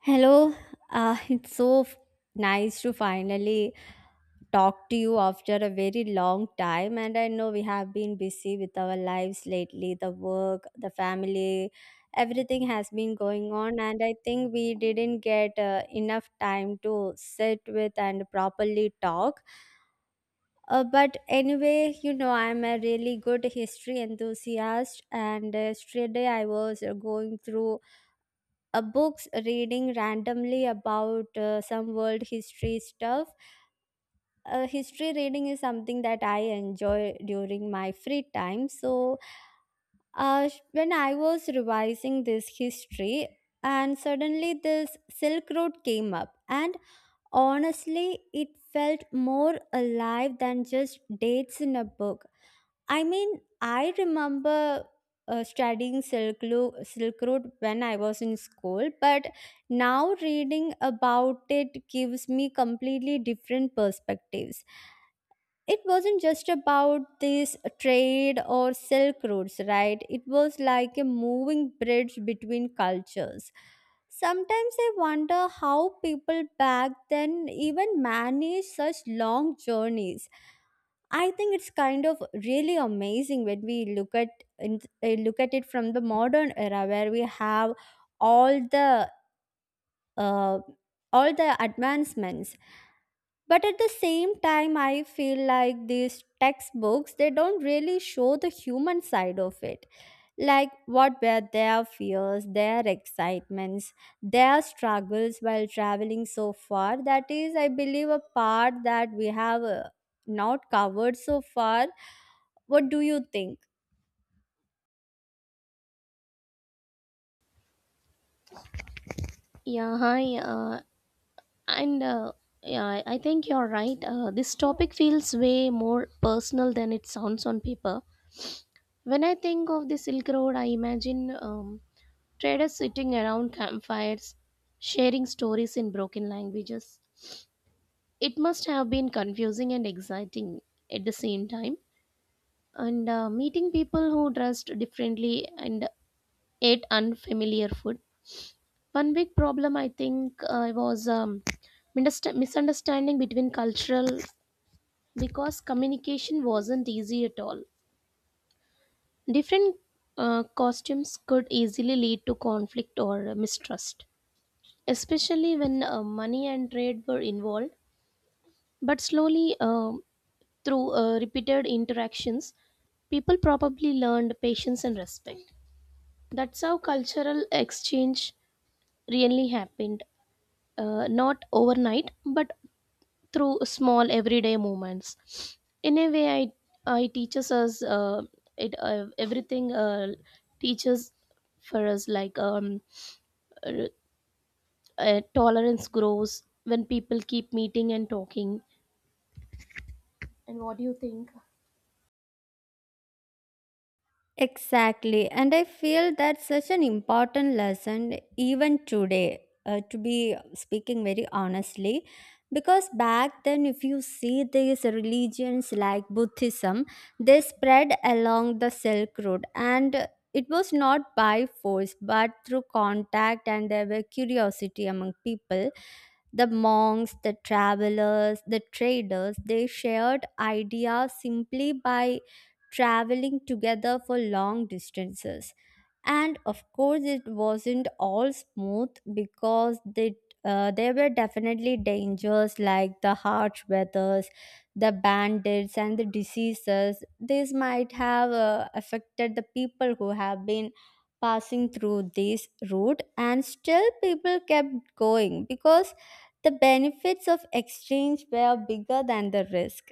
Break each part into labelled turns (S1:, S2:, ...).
S1: Hello, uh, it's so f- nice to finally talk to you after a very long time. And I know we have been busy with our lives lately, the work, the family, everything has been going on. And I think we didn't get enough time to sit with and properly talk. But anyway, I'm a really good history enthusiast. And yesterday I was going through books, reading randomly about some world history stuff. History reading is something that I enjoy during my free time. So when I was revising this history, and suddenly this Silk Road came up, and honestly it felt more alive than just dates in a book. I mean, I remember studying Silk Road when I was in school, but now reading about it gives me completely different perspectives. It wasn't just about this trade or silk routes, right? It was like a moving bridge between cultures. Sometimes I wonder how people back then even managed such long journeys. I think it's kind of really amazing when we look at look at it from the modern era where we have all the uh, all the advancements. But at the same time, I feel like these textbooks, they don't really show the human side of it, like what were their fears, their excitements, their struggles while traveling so far. That is, I believe, a part that we have not covered so far. What do you think?
S2: Yeah, hi. And yeah, I think you're right. This topic feels way more personal than it sounds on paper. When I think of the Silk Road, I imagine traders sitting around campfires, sharing stories in broken languages. It must have been confusing and exciting at the same time. And meeting people who dressed differently and ate unfamiliar food. One big problem I think was misunderstanding between cultural, because communication wasn't easy at all. Different costumes could easily lead to conflict or mistrust, especially when money and trade were involved. But slowly, through repeated interactions, people probably learned patience and respect. That's how cultural exchange really happened, not overnight, but through small everyday moments. In a way, I it teaches us it everything teaches for us like uh, tolerance grows when people keep meeting and talking. And what do you think?
S1: Exactly. And I feel that's such an important lesson even today, to be speaking very honestly. Because back then, if you see these religions like Buddhism, they spread along the Silk Road. And it was not by force, but through contact, and there were curiosity among people. The monks, the travelers, the traders, they shared ideas simply by traveling together for long distances. And of course it wasn't all smooth, because there were definitely dangers like the harsh weathers, the bandits, and the diseases. These might have affected the people who have been passing through this route. And still people kept going, because the benefits of exchange were bigger than the risk.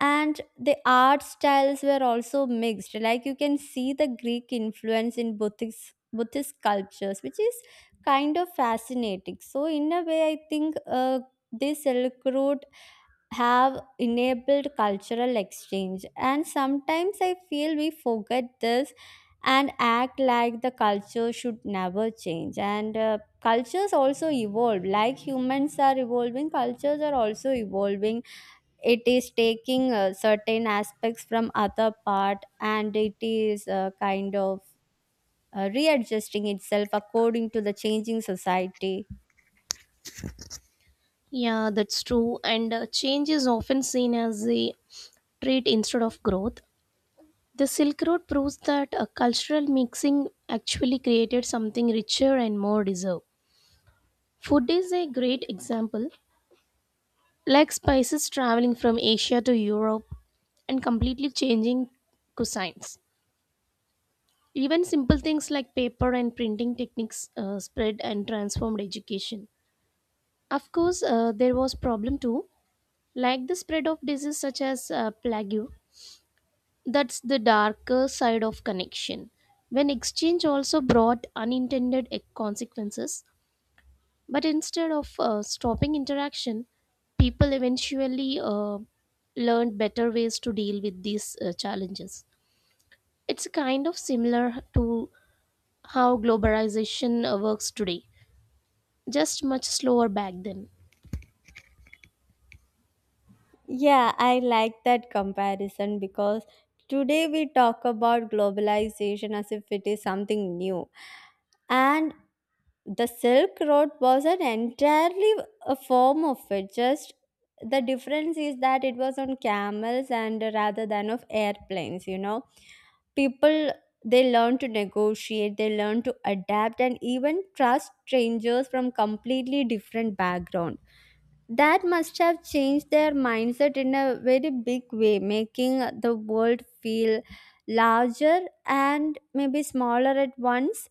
S1: And the art styles were also mixed. Like you can see the Greek influence in Buddhist sculptures, which is kind of fascinating. So in a way, I think this Silk Road have enabled cultural exchange. And sometimes I feel we forget this and act like the culture should never change. And cultures also evolve. Like humans are evolving, cultures are also evolving. It is taking certain aspects from other part, and it is kind of readjusting itself according to the changing society.
S2: Yeah, that's true, and change is often seen as a trait instead of growth. The Silk Road proves that a cultural mixing actually created something richer and more deserved. Food is a great example, like spices traveling from Asia to Europe and completely changing cuisines. Even simple things like paper and printing techniques spread and transformed education. Of course, there was problem too, like the spread of disease such as plague. That's the darker side of connection, when exchange also brought consequences. But instead of stopping interaction, people eventually learned better ways to deal with these challenges. It's kind of similar to how globalization works today, just much slower back then.
S1: Yeah, I like that comparison, because today we talk about globalization as if it is something new, and the Silk Road was an entirely a form of it. Just the difference is that it was on camels and rather than of airplanes. You know, people, they learn to negotiate, they learn to adapt, and even trust strangers from completely different background. That must have changed their mindset in a very big way, making the world feel larger and maybe smaller at once.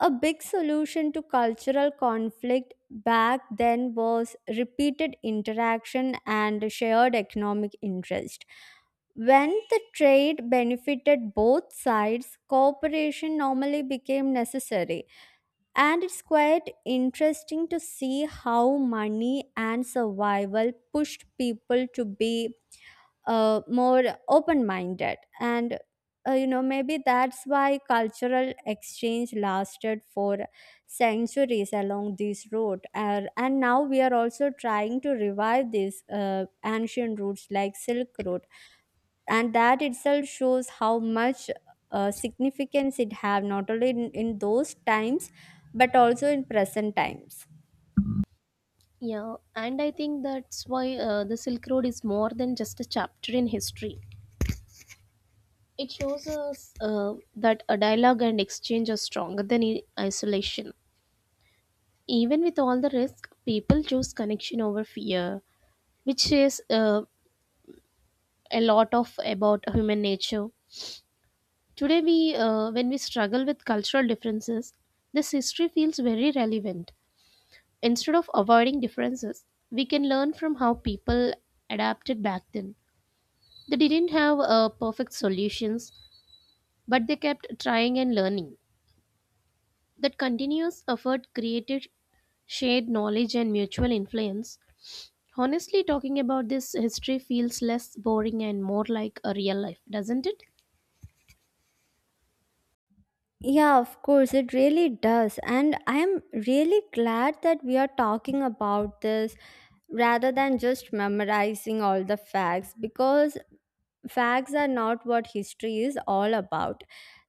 S1: A big solution to cultural conflict back then was repeated interaction and shared economic interest. When the trade benefited both sides, cooperation normally became necessary. And it's quite interesting to see how money and survival pushed people to be more open minded. And you know maybe that's why cultural exchange lasted for centuries along this route. And now we are also trying to revive these ancient routes like Silk Road, and that itself shows how much significance it have, not only in those times but also in present times.
S2: Yeah, and I think that's why the Silk Road is more than just a chapter in history. It shows us that a dialogue and exchange are stronger than isolation. Even with all the risk, people choose connection over fear, which says a lot of about human nature. Today, we when we struggle with cultural differences, this history feels very relevant. Instead of avoiding differences, we can learn from how people adapted back then. They didn't have perfect solutions, but they kept trying and learning. That continuous effort created shared knowledge and mutual influence. Honestly, talking about this history feels less boring and more like a real life, doesn't it?
S1: Yeah, of course, it really does. And I am really glad that we are talking about this rather than just memorizing all the facts, because facts are not what history is all about.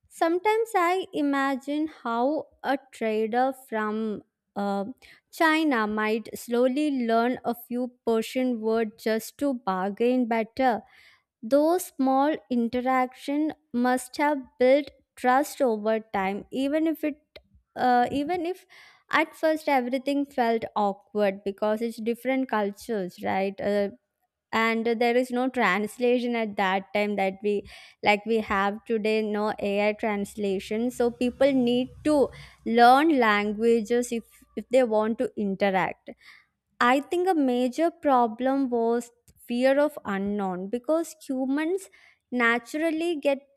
S1: Sometimes I imagine how a trader from uh, China might slowly learn a few Persian words just to bargain better. Those small interaction must have built trust over time, even if at first everything felt awkward, because it's different cultures, right? And there is no translation at that time that we like we have today, no AI translation, so people need to learn languages if they want to interact. I think a major problem was fear of unknown, because humans naturally get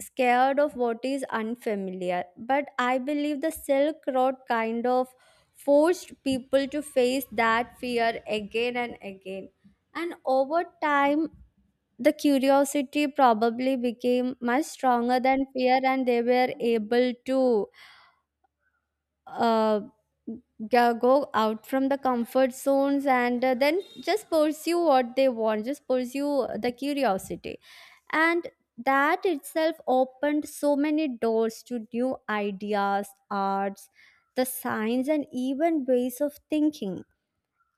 S1: scared of what is unfamiliar. But I believe the Silk Road kind of forced people to face that fear again and again. And over time, the curiosity probably became much stronger than fear, and they were able to uh, yeah, go out from the comfort zones and then just pursue what they want, just pursue the curiosity. And that itself opened so many doors to new ideas, arts, the science, and even ways of thinking.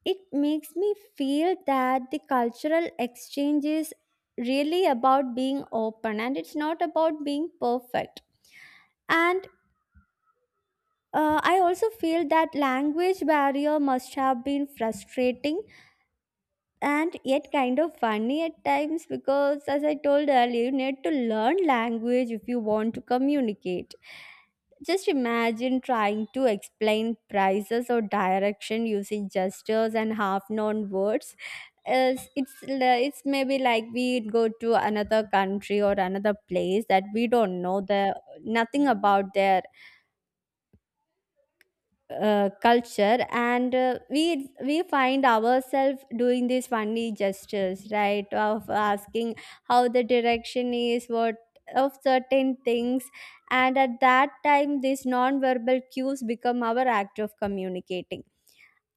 S1: It makes me feel that the cultural exchange is really about being open, and it's not about being perfect. And uh, I also feel that language barrier must have been frustrating and yet kind of funny at times, because as I told earlier, you need to learn language if you want to communicate. Just imagine trying to explain prices or direction using gestures and half known words. It's maybe like we go to another country or another place that we don't know the nothing about their culture. And we find ourselves doing these funny gestures, right, of asking how the direction is, what of certain things. And at that time these non-verbal cues become our act of communicating.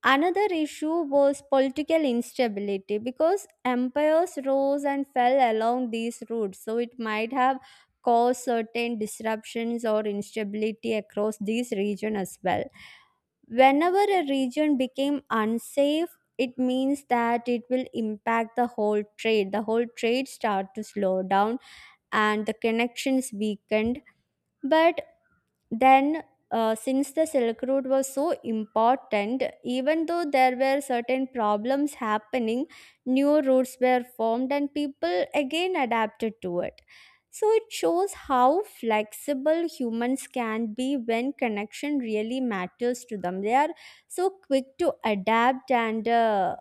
S1: Another issue was political instability, because empires rose and fell along these routes, so it might have caused certain disruptions or instability across these region as well. Whenever a region became unsafe, it means that it will impact the whole trade. The whole trade start to slow down and the connections weakened. But then, since the Silk Road was so important, even though there were certain problems happening, new routes were formed and people again adapted to it. So it shows how flexible humans can be when connection really matters to them. They are so quick to adapt and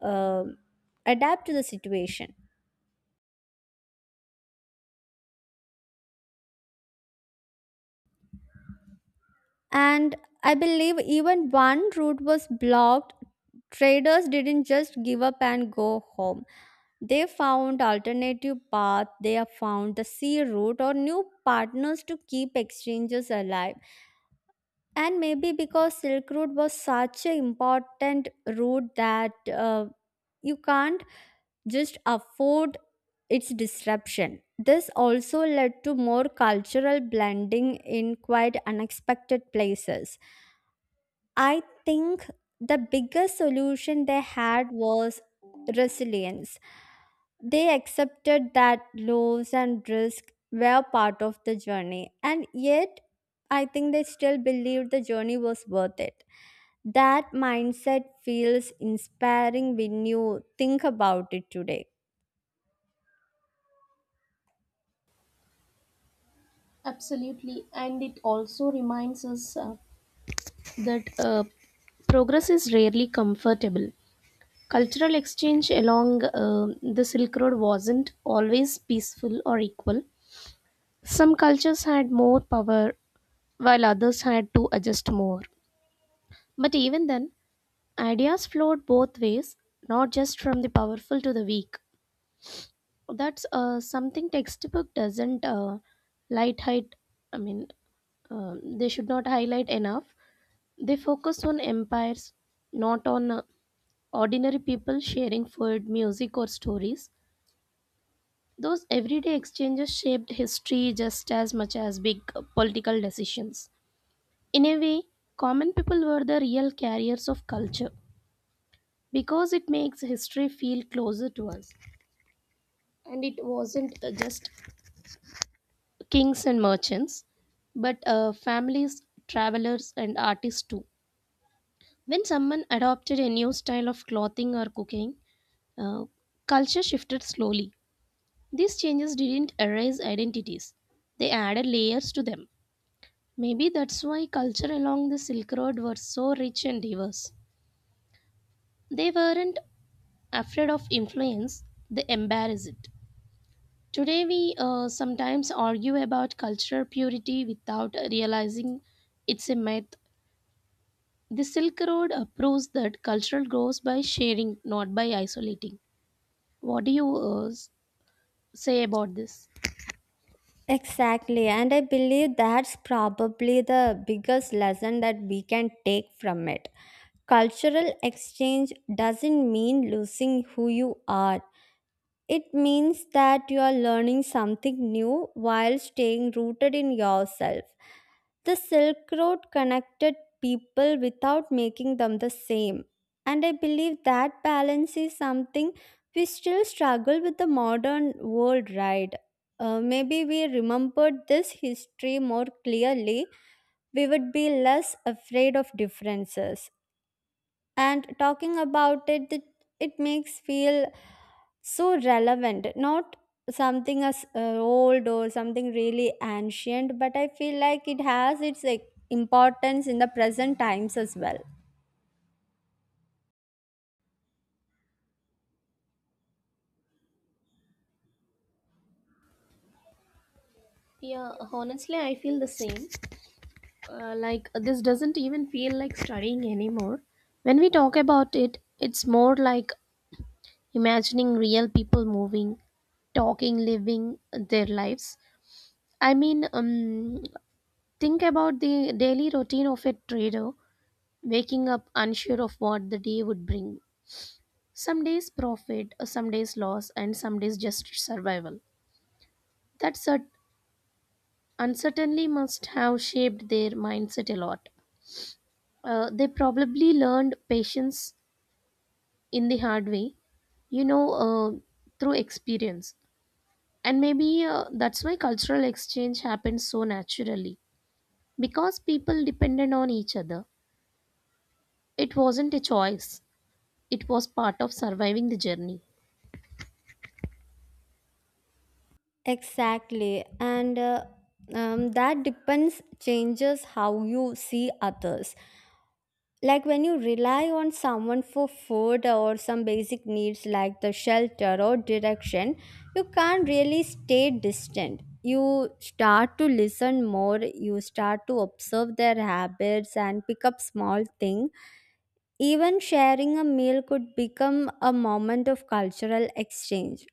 S1: uh, adapt to the situation. And I believe even one route was blocked, traders didn't just give up and go home. They found alternative paths, they found the sea route or new partners to keep exchanges alive. And maybe because Silk Route was such an important route that you can't just afford its disruption. This also led to more cultural blending in quite unexpected places. I think the biggest solution they had was resilience. They accepted that lows and risk were part of the journey, and yet I think they still believed the journey was worth it. That mindset feels inspiring when you think about it today.
S2: Absolutely, and it also reminds us that progress is rarely comfortable. Cultural exchange along the Silk Road wasn't always peaceful or equal. Some cultures had more power, while others had to adjust more. But even then, ideas flowed both ways, not just from the powerful to the weak. That's something textbook doesn't light height. I mean, they should not highlight enough. They focus on empires, not on ordinary people sharing food, music, or stories. Those everyday exchanges shaped history just as much as big political decisions. In a way, common people were the real carriers of culture, because it makes history feel closer to us. And it wasn't just kings and merchants, but families, travelers, and artists too. When someone adopted a new style of clothing or cooking, Uh, culture shifted slowly. These changes didn't erase identities, they added layers to them. Maybe that's why culture along the Silk Road were so rich and diverse. They weren't afraid of influence, they embraced it. Today, we sometimes argue about cultural purity without realizing it's a myth. The Silk Road proves that culture grows by sharing, not by isolating. What do you say about this?
S1: Exactly, and I believe that's probably the biggest lesson that we can take from it. Cultural exchange doesn't mean losing who you are. It means that you are learning something new while staying rooted in yourself. The Silk Road connected people without making them the same. And I believe that balance is something we still struggle with the modern world, right? Maybe we remembered this history more clearly, we would be less afraid of differences. And talking about it makes feel so relevant, not something as old or something really ancient, but I feel like it has its, like, importance in the present times as well.
S2: Yeah, honestly, I feel the same. Like, this doesn't even feel like studying anymore. When we talk about it, it's more like imagining real people moving, talking, living their lives. I mean, think about the daily routine of a trader, waking up unsure of what the day would bring. Some days profit, some days loss, and some days just survival. That cert- uncertainty must have shaped their mindset a lot. They probably learned patience in the hard way, you know, uh, through experience. And maybe that's why cultural exchange happened so naturally, because people depended on each other. It wasn't a choice, it was part of surviving the journey.
S1: Exactly. And that depends changes how you see others. Like when you rely on someone for food or some basic needs like the shelter or direction, you can't really stay distant. You start to listen more, you start to observe their habits and pick up small things. Even sharing a meal could become a moment of cultural exchange.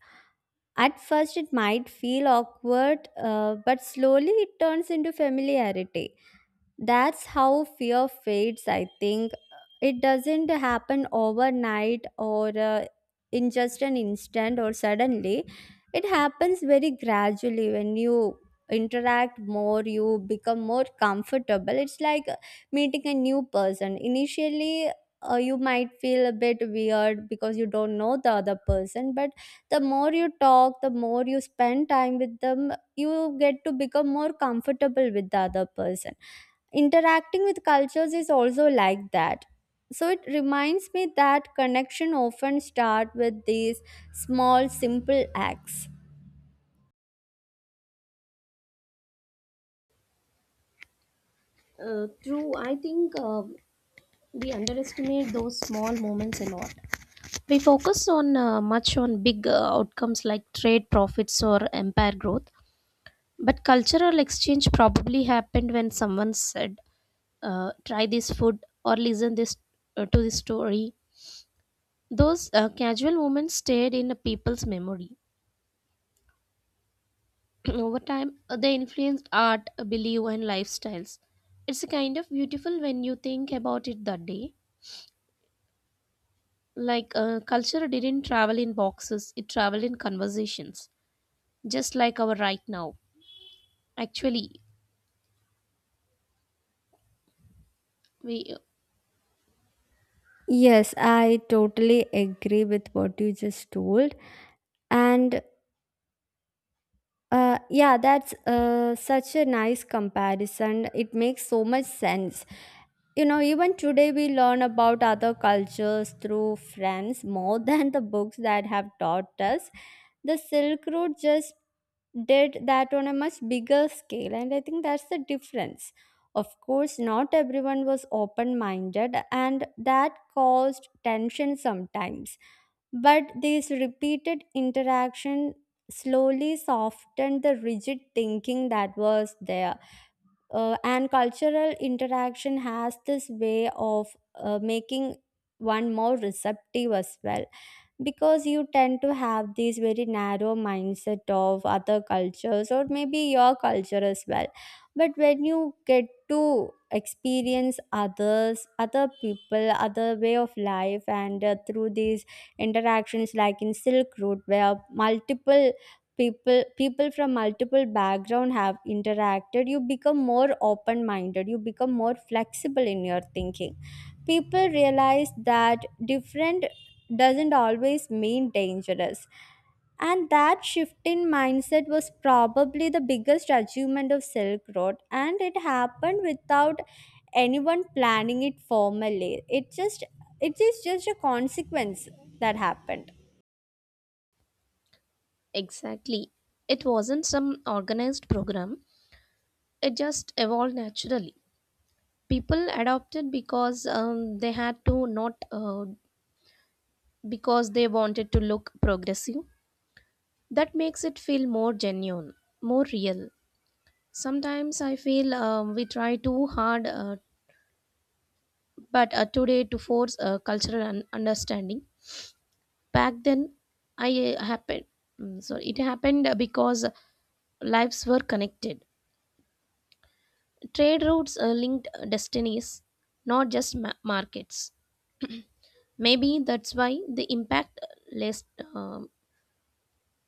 S1: At first it might feel awkward, but slowly it turns into familiarity. That's how fear fades, I think. It doesn't happen overnight or in just an instant or suddenly. It happens very gradually. When you interact more, you become more comfortable. It's like meeting a new person. Initially, you might feel a bit weird because you don't know the other person, but the more you talk, the more you spend time with them, you get to become more comfortable with the other person. Interacting with cultures is also like that. So it reminds me that connection often start with these small simple acts.
S2: True, I think we underestimate those small moments a lot. We focus on much on big outcomes like trade profits or empire growth. But cultural exchange probably happened when someone said, "Try this food" or "Listen this to this story." Those casual moments stayed in a people's memory. Over time, they influenced art, belief, and lifestyles. It's a kind of beautiful when you think about it that day. Like culture didn't travel in boxes; it traveled in conversations, just like our right now. Actually, we
S1: Yes, I totally agree with what you just told. And uh, yeah, that's such a nice comparison. It makes so much sense. You know, even today we learn about other cultures through friends more than the books that have taught us. The Silk Road just did that on a much bigger scale, and I think that's the difference. Of course, not everyone was open minded, and that caused tension sometimes, but these repeated interaction slowly softened the rigid thinking that was there. And cultural interaction has this way of making one more receptive as well, because you tend to have this very narrow mindset of other cultures or maybe your culture as well. But when you get to experience others, other people, other way of life, and through these interactions like in silk road where multiple people from multiple background have interacted, you become more open minded, you become more flexible in your thinking. People realize that different doesn't always mean dangerous. And that shift in mindset was probably the biggest achievement of Silk Road, and it happened without anyone planning it formally. It is just a consequence that happened.
S2: exactly. It wasn't some organized program, it just evolved naturally. People adopted because they had to, not because they wanted to look progressive. That makes it feel more genuine, more real. Sometimes I feel we try too hard, but today to force a understanding. Back then, I happened. So it happened because lives were connected, trade routes linked destinies, not just markets. Maybe that's why the impact last um,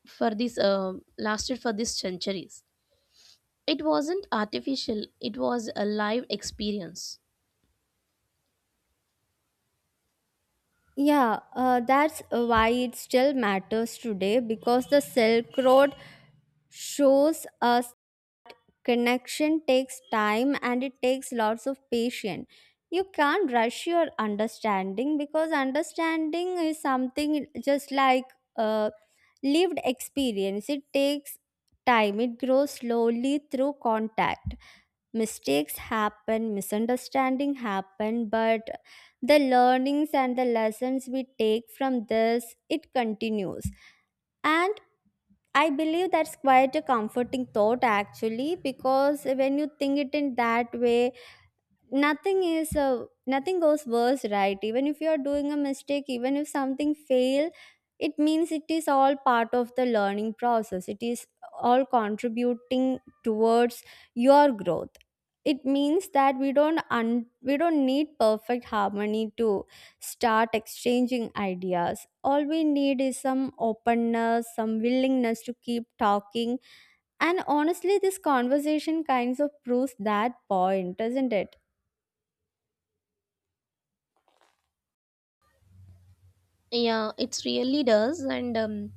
S2: lasted for these centuries. It wasn't artificial; it was a live experience.
S1: Yeah, that's why it still matters today, because the Silk Road shows us connection takes time and it takes lots of patience. You can't rush your understanding, because understanding is something just like uh, lived experience. It takes time, it grows slowly through contact. Mistakes happen, misunderstanding happen, but the learnings and the lessons we take from this, it continues. And I believe that's quite a comforting thought, actually, because when you think it in that way, nothing goes worse, right? Even if you are doing a mistake, even if something fail, it means it is all part of the learning process, it is all contributing towards your growth. It means that we don't need perfect harmony to start exchanging ideas. All we need is some openness, some willingness to keep talking. And honestly, this conversation kinds of proves that point, doesn't it?
S2: Yeah, it really does, and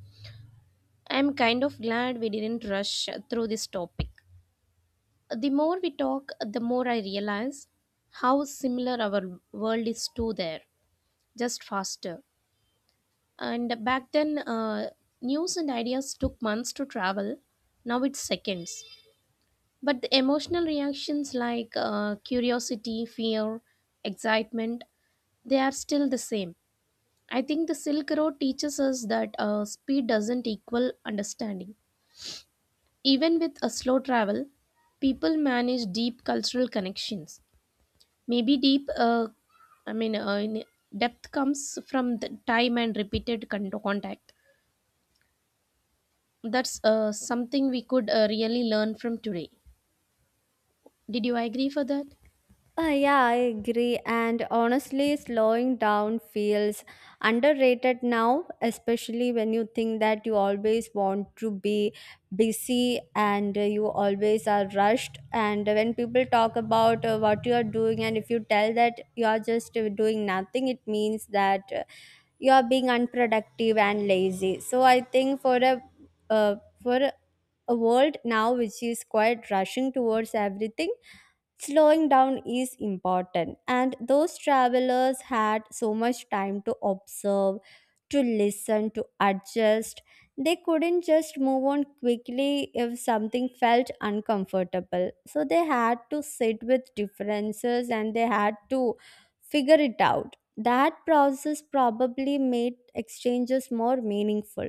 S2: I'm kind of glad we didn't rush through this topic. The more we talk, the more I realize how similar our world is to there, just faster. And back then, news and ideas took months to travel. Now it's seconds. But the emotional reactions like curiosity, fear, excitement, they are still the same. I think the Silk Road teaches us that speed doesn't equal understanding. Even with a slow travel, people manage deep cultural connections. Maybe deep, I mean, depth comes from the time and contact. That's something we could really learn from today. Did you agree for that?
S1: Yeah, I agree. And honestly, slowing down feels underrated now, especially when you think that you always want to be busy and you always are rushed. And when people talk about what you are doing, and if you tell that you are just doing nothing, it means that you are being unproductive and lazy. So I think for a uh, for a world now which is quite rushing towards everything, slowing down is important, and those travelers had so much time to observe, to listen, to adjust. They couldn't just move on quickly if something felt uncomfortable. So they had to sit with differences, and they had to figure it out. That process probably made exchanges more meaningful.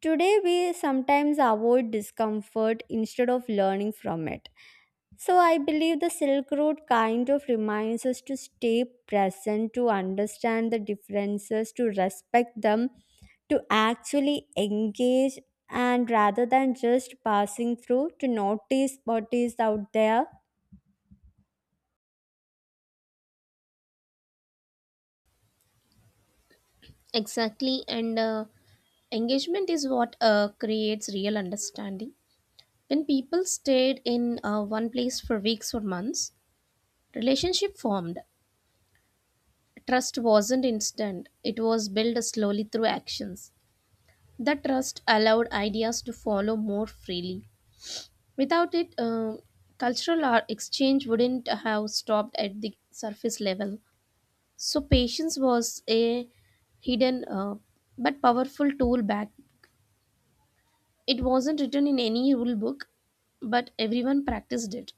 S1: Today, we sometimes avoid discomfort instead of learning from it. So, I believe the Silk Road kind of reminds us to stay present, to understand the differences, to respect them, to actually engage, and rather than just passing through, to notice what is out there.
S2: Exactly, and engagement is what creates real understanding. When people stayed in one place for weeks or months, relationship formed. Trust wasn't instant; it was built slowly through actions. That trust allowed ideas to follow more freely. Without it, cultural art exchange wouldn't have stopped at the surface level. So patience was a hidden but powerful tool back. It wasn't written in any rule book, but everyone practiced it.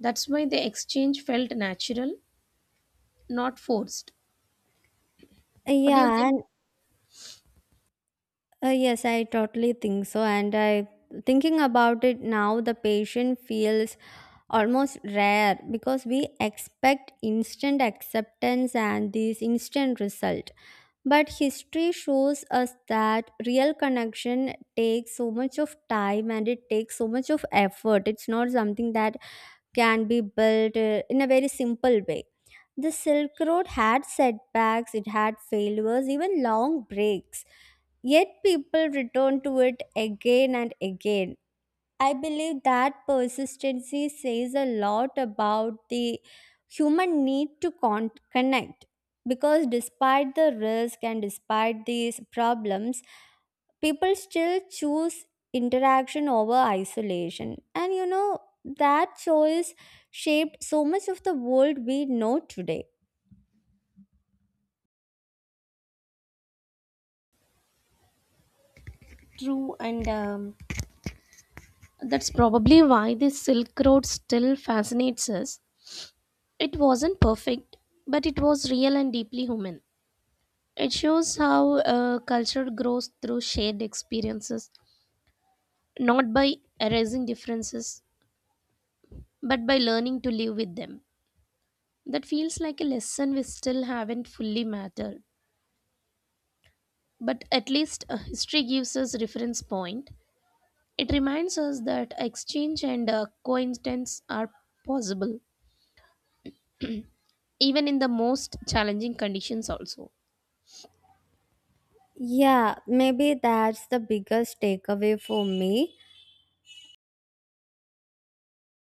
S2: That's why the exchange felt natural, not forced. What do you
S1: Yeah,
S2: think?
S1: and yes, I totally think so. And I, thinking about it now, the patient feels almost rare, because we expect instant acceptance and this instant result. But history shows us that real connection takes so much of time and it takes so much of effort. It's not something that can be built in a very simple way. The silk road had setbacks, it had failures, even long breaks, yet people returned to it again and again. I believe that persistency says a lot about the human need to con- connect, because despite the risk and despite these problems, people still choose interaction over isolation. And you know, that choice shaped so much of the world we know today.
S2: True, and that's probably why the Silk Road still fascinates us. It wasn't perfect, but it was real and deeply human. It shows how culture grows through shared experiences, not by erasing differences, but by learning to live with them. That feels like a lesson we still haven't fully mattered. But at least history gives us reference point. It reminds us that exchange and coincidence are possible, even in the most challenging conditions also.
S1: Yeah, maybe that's the biggest takeaway for me.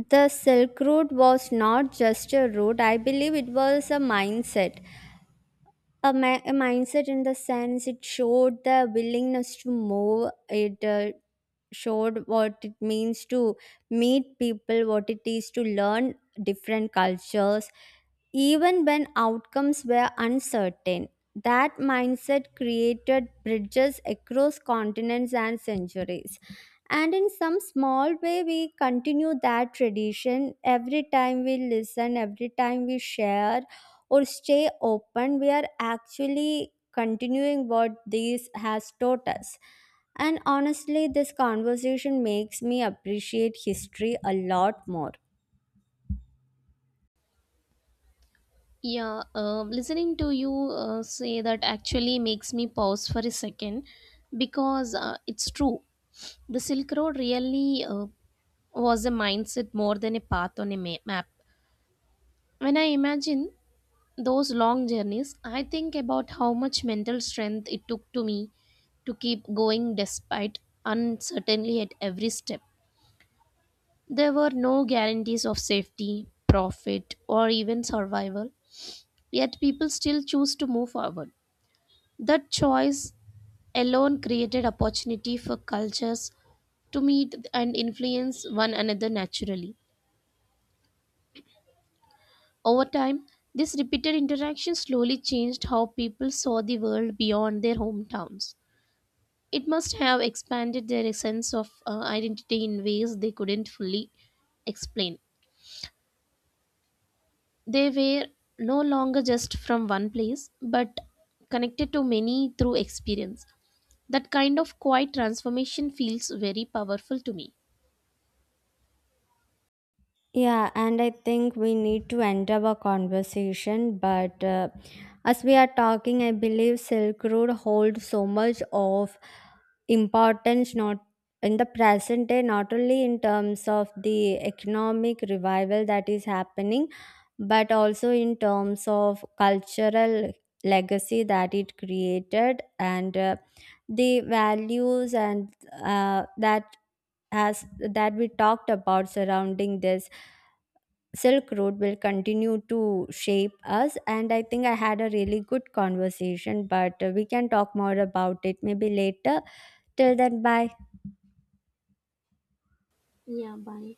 S1: The Silk Road was not just a road, I believe it was a mindset, a mindset in the sense it showed the willingness to move. It showed what it means to meet people, what it is to learn different cultures, even when outcomes were uncertain. That mindset created bridges across continents and centuries, and in some small way we continue that tradition. Every time we listen, every time we share or stay open, we are actually continuing what this has taught us. And honestly, this conversation makes me appreciate history a lot more.
S2: Yeah, listening to you say that actually makes me pause for a second, because it's true. The Silk Road really was a mindset more than a path on a map. When I imagine those long journeys, I think about how much mental strength it took to me to keep going despite uncertainty at every step. There were no guarantees of safety, profit, or even survival, yet people still choose to move forward. That choice alone created opportunity for cultures to meet and influence one another naturally. Over time, this repeated interaction slowly changed how people saw the world beyond their hometowns. It must have expanded their sense of identity in ways they couldn't fully explain. They were no longer just from one place, but connected to many through experience. That kind of quiet transformation feels very powerful to me.
S1: Yeah, and I think we need to end our conversation. But as we are talking, I believe Silk Road holds so much of importance, not in the present day, not only in terms of the economic revival that is happening, but also in terms of cultural legacy that it created, and the values and that as that we talked about surrounding this Silk Road will continue to shape us. And I think I had a really good conversation, but we can talk more about it maybe later. Till then, bye.
S2: Yeah, bye.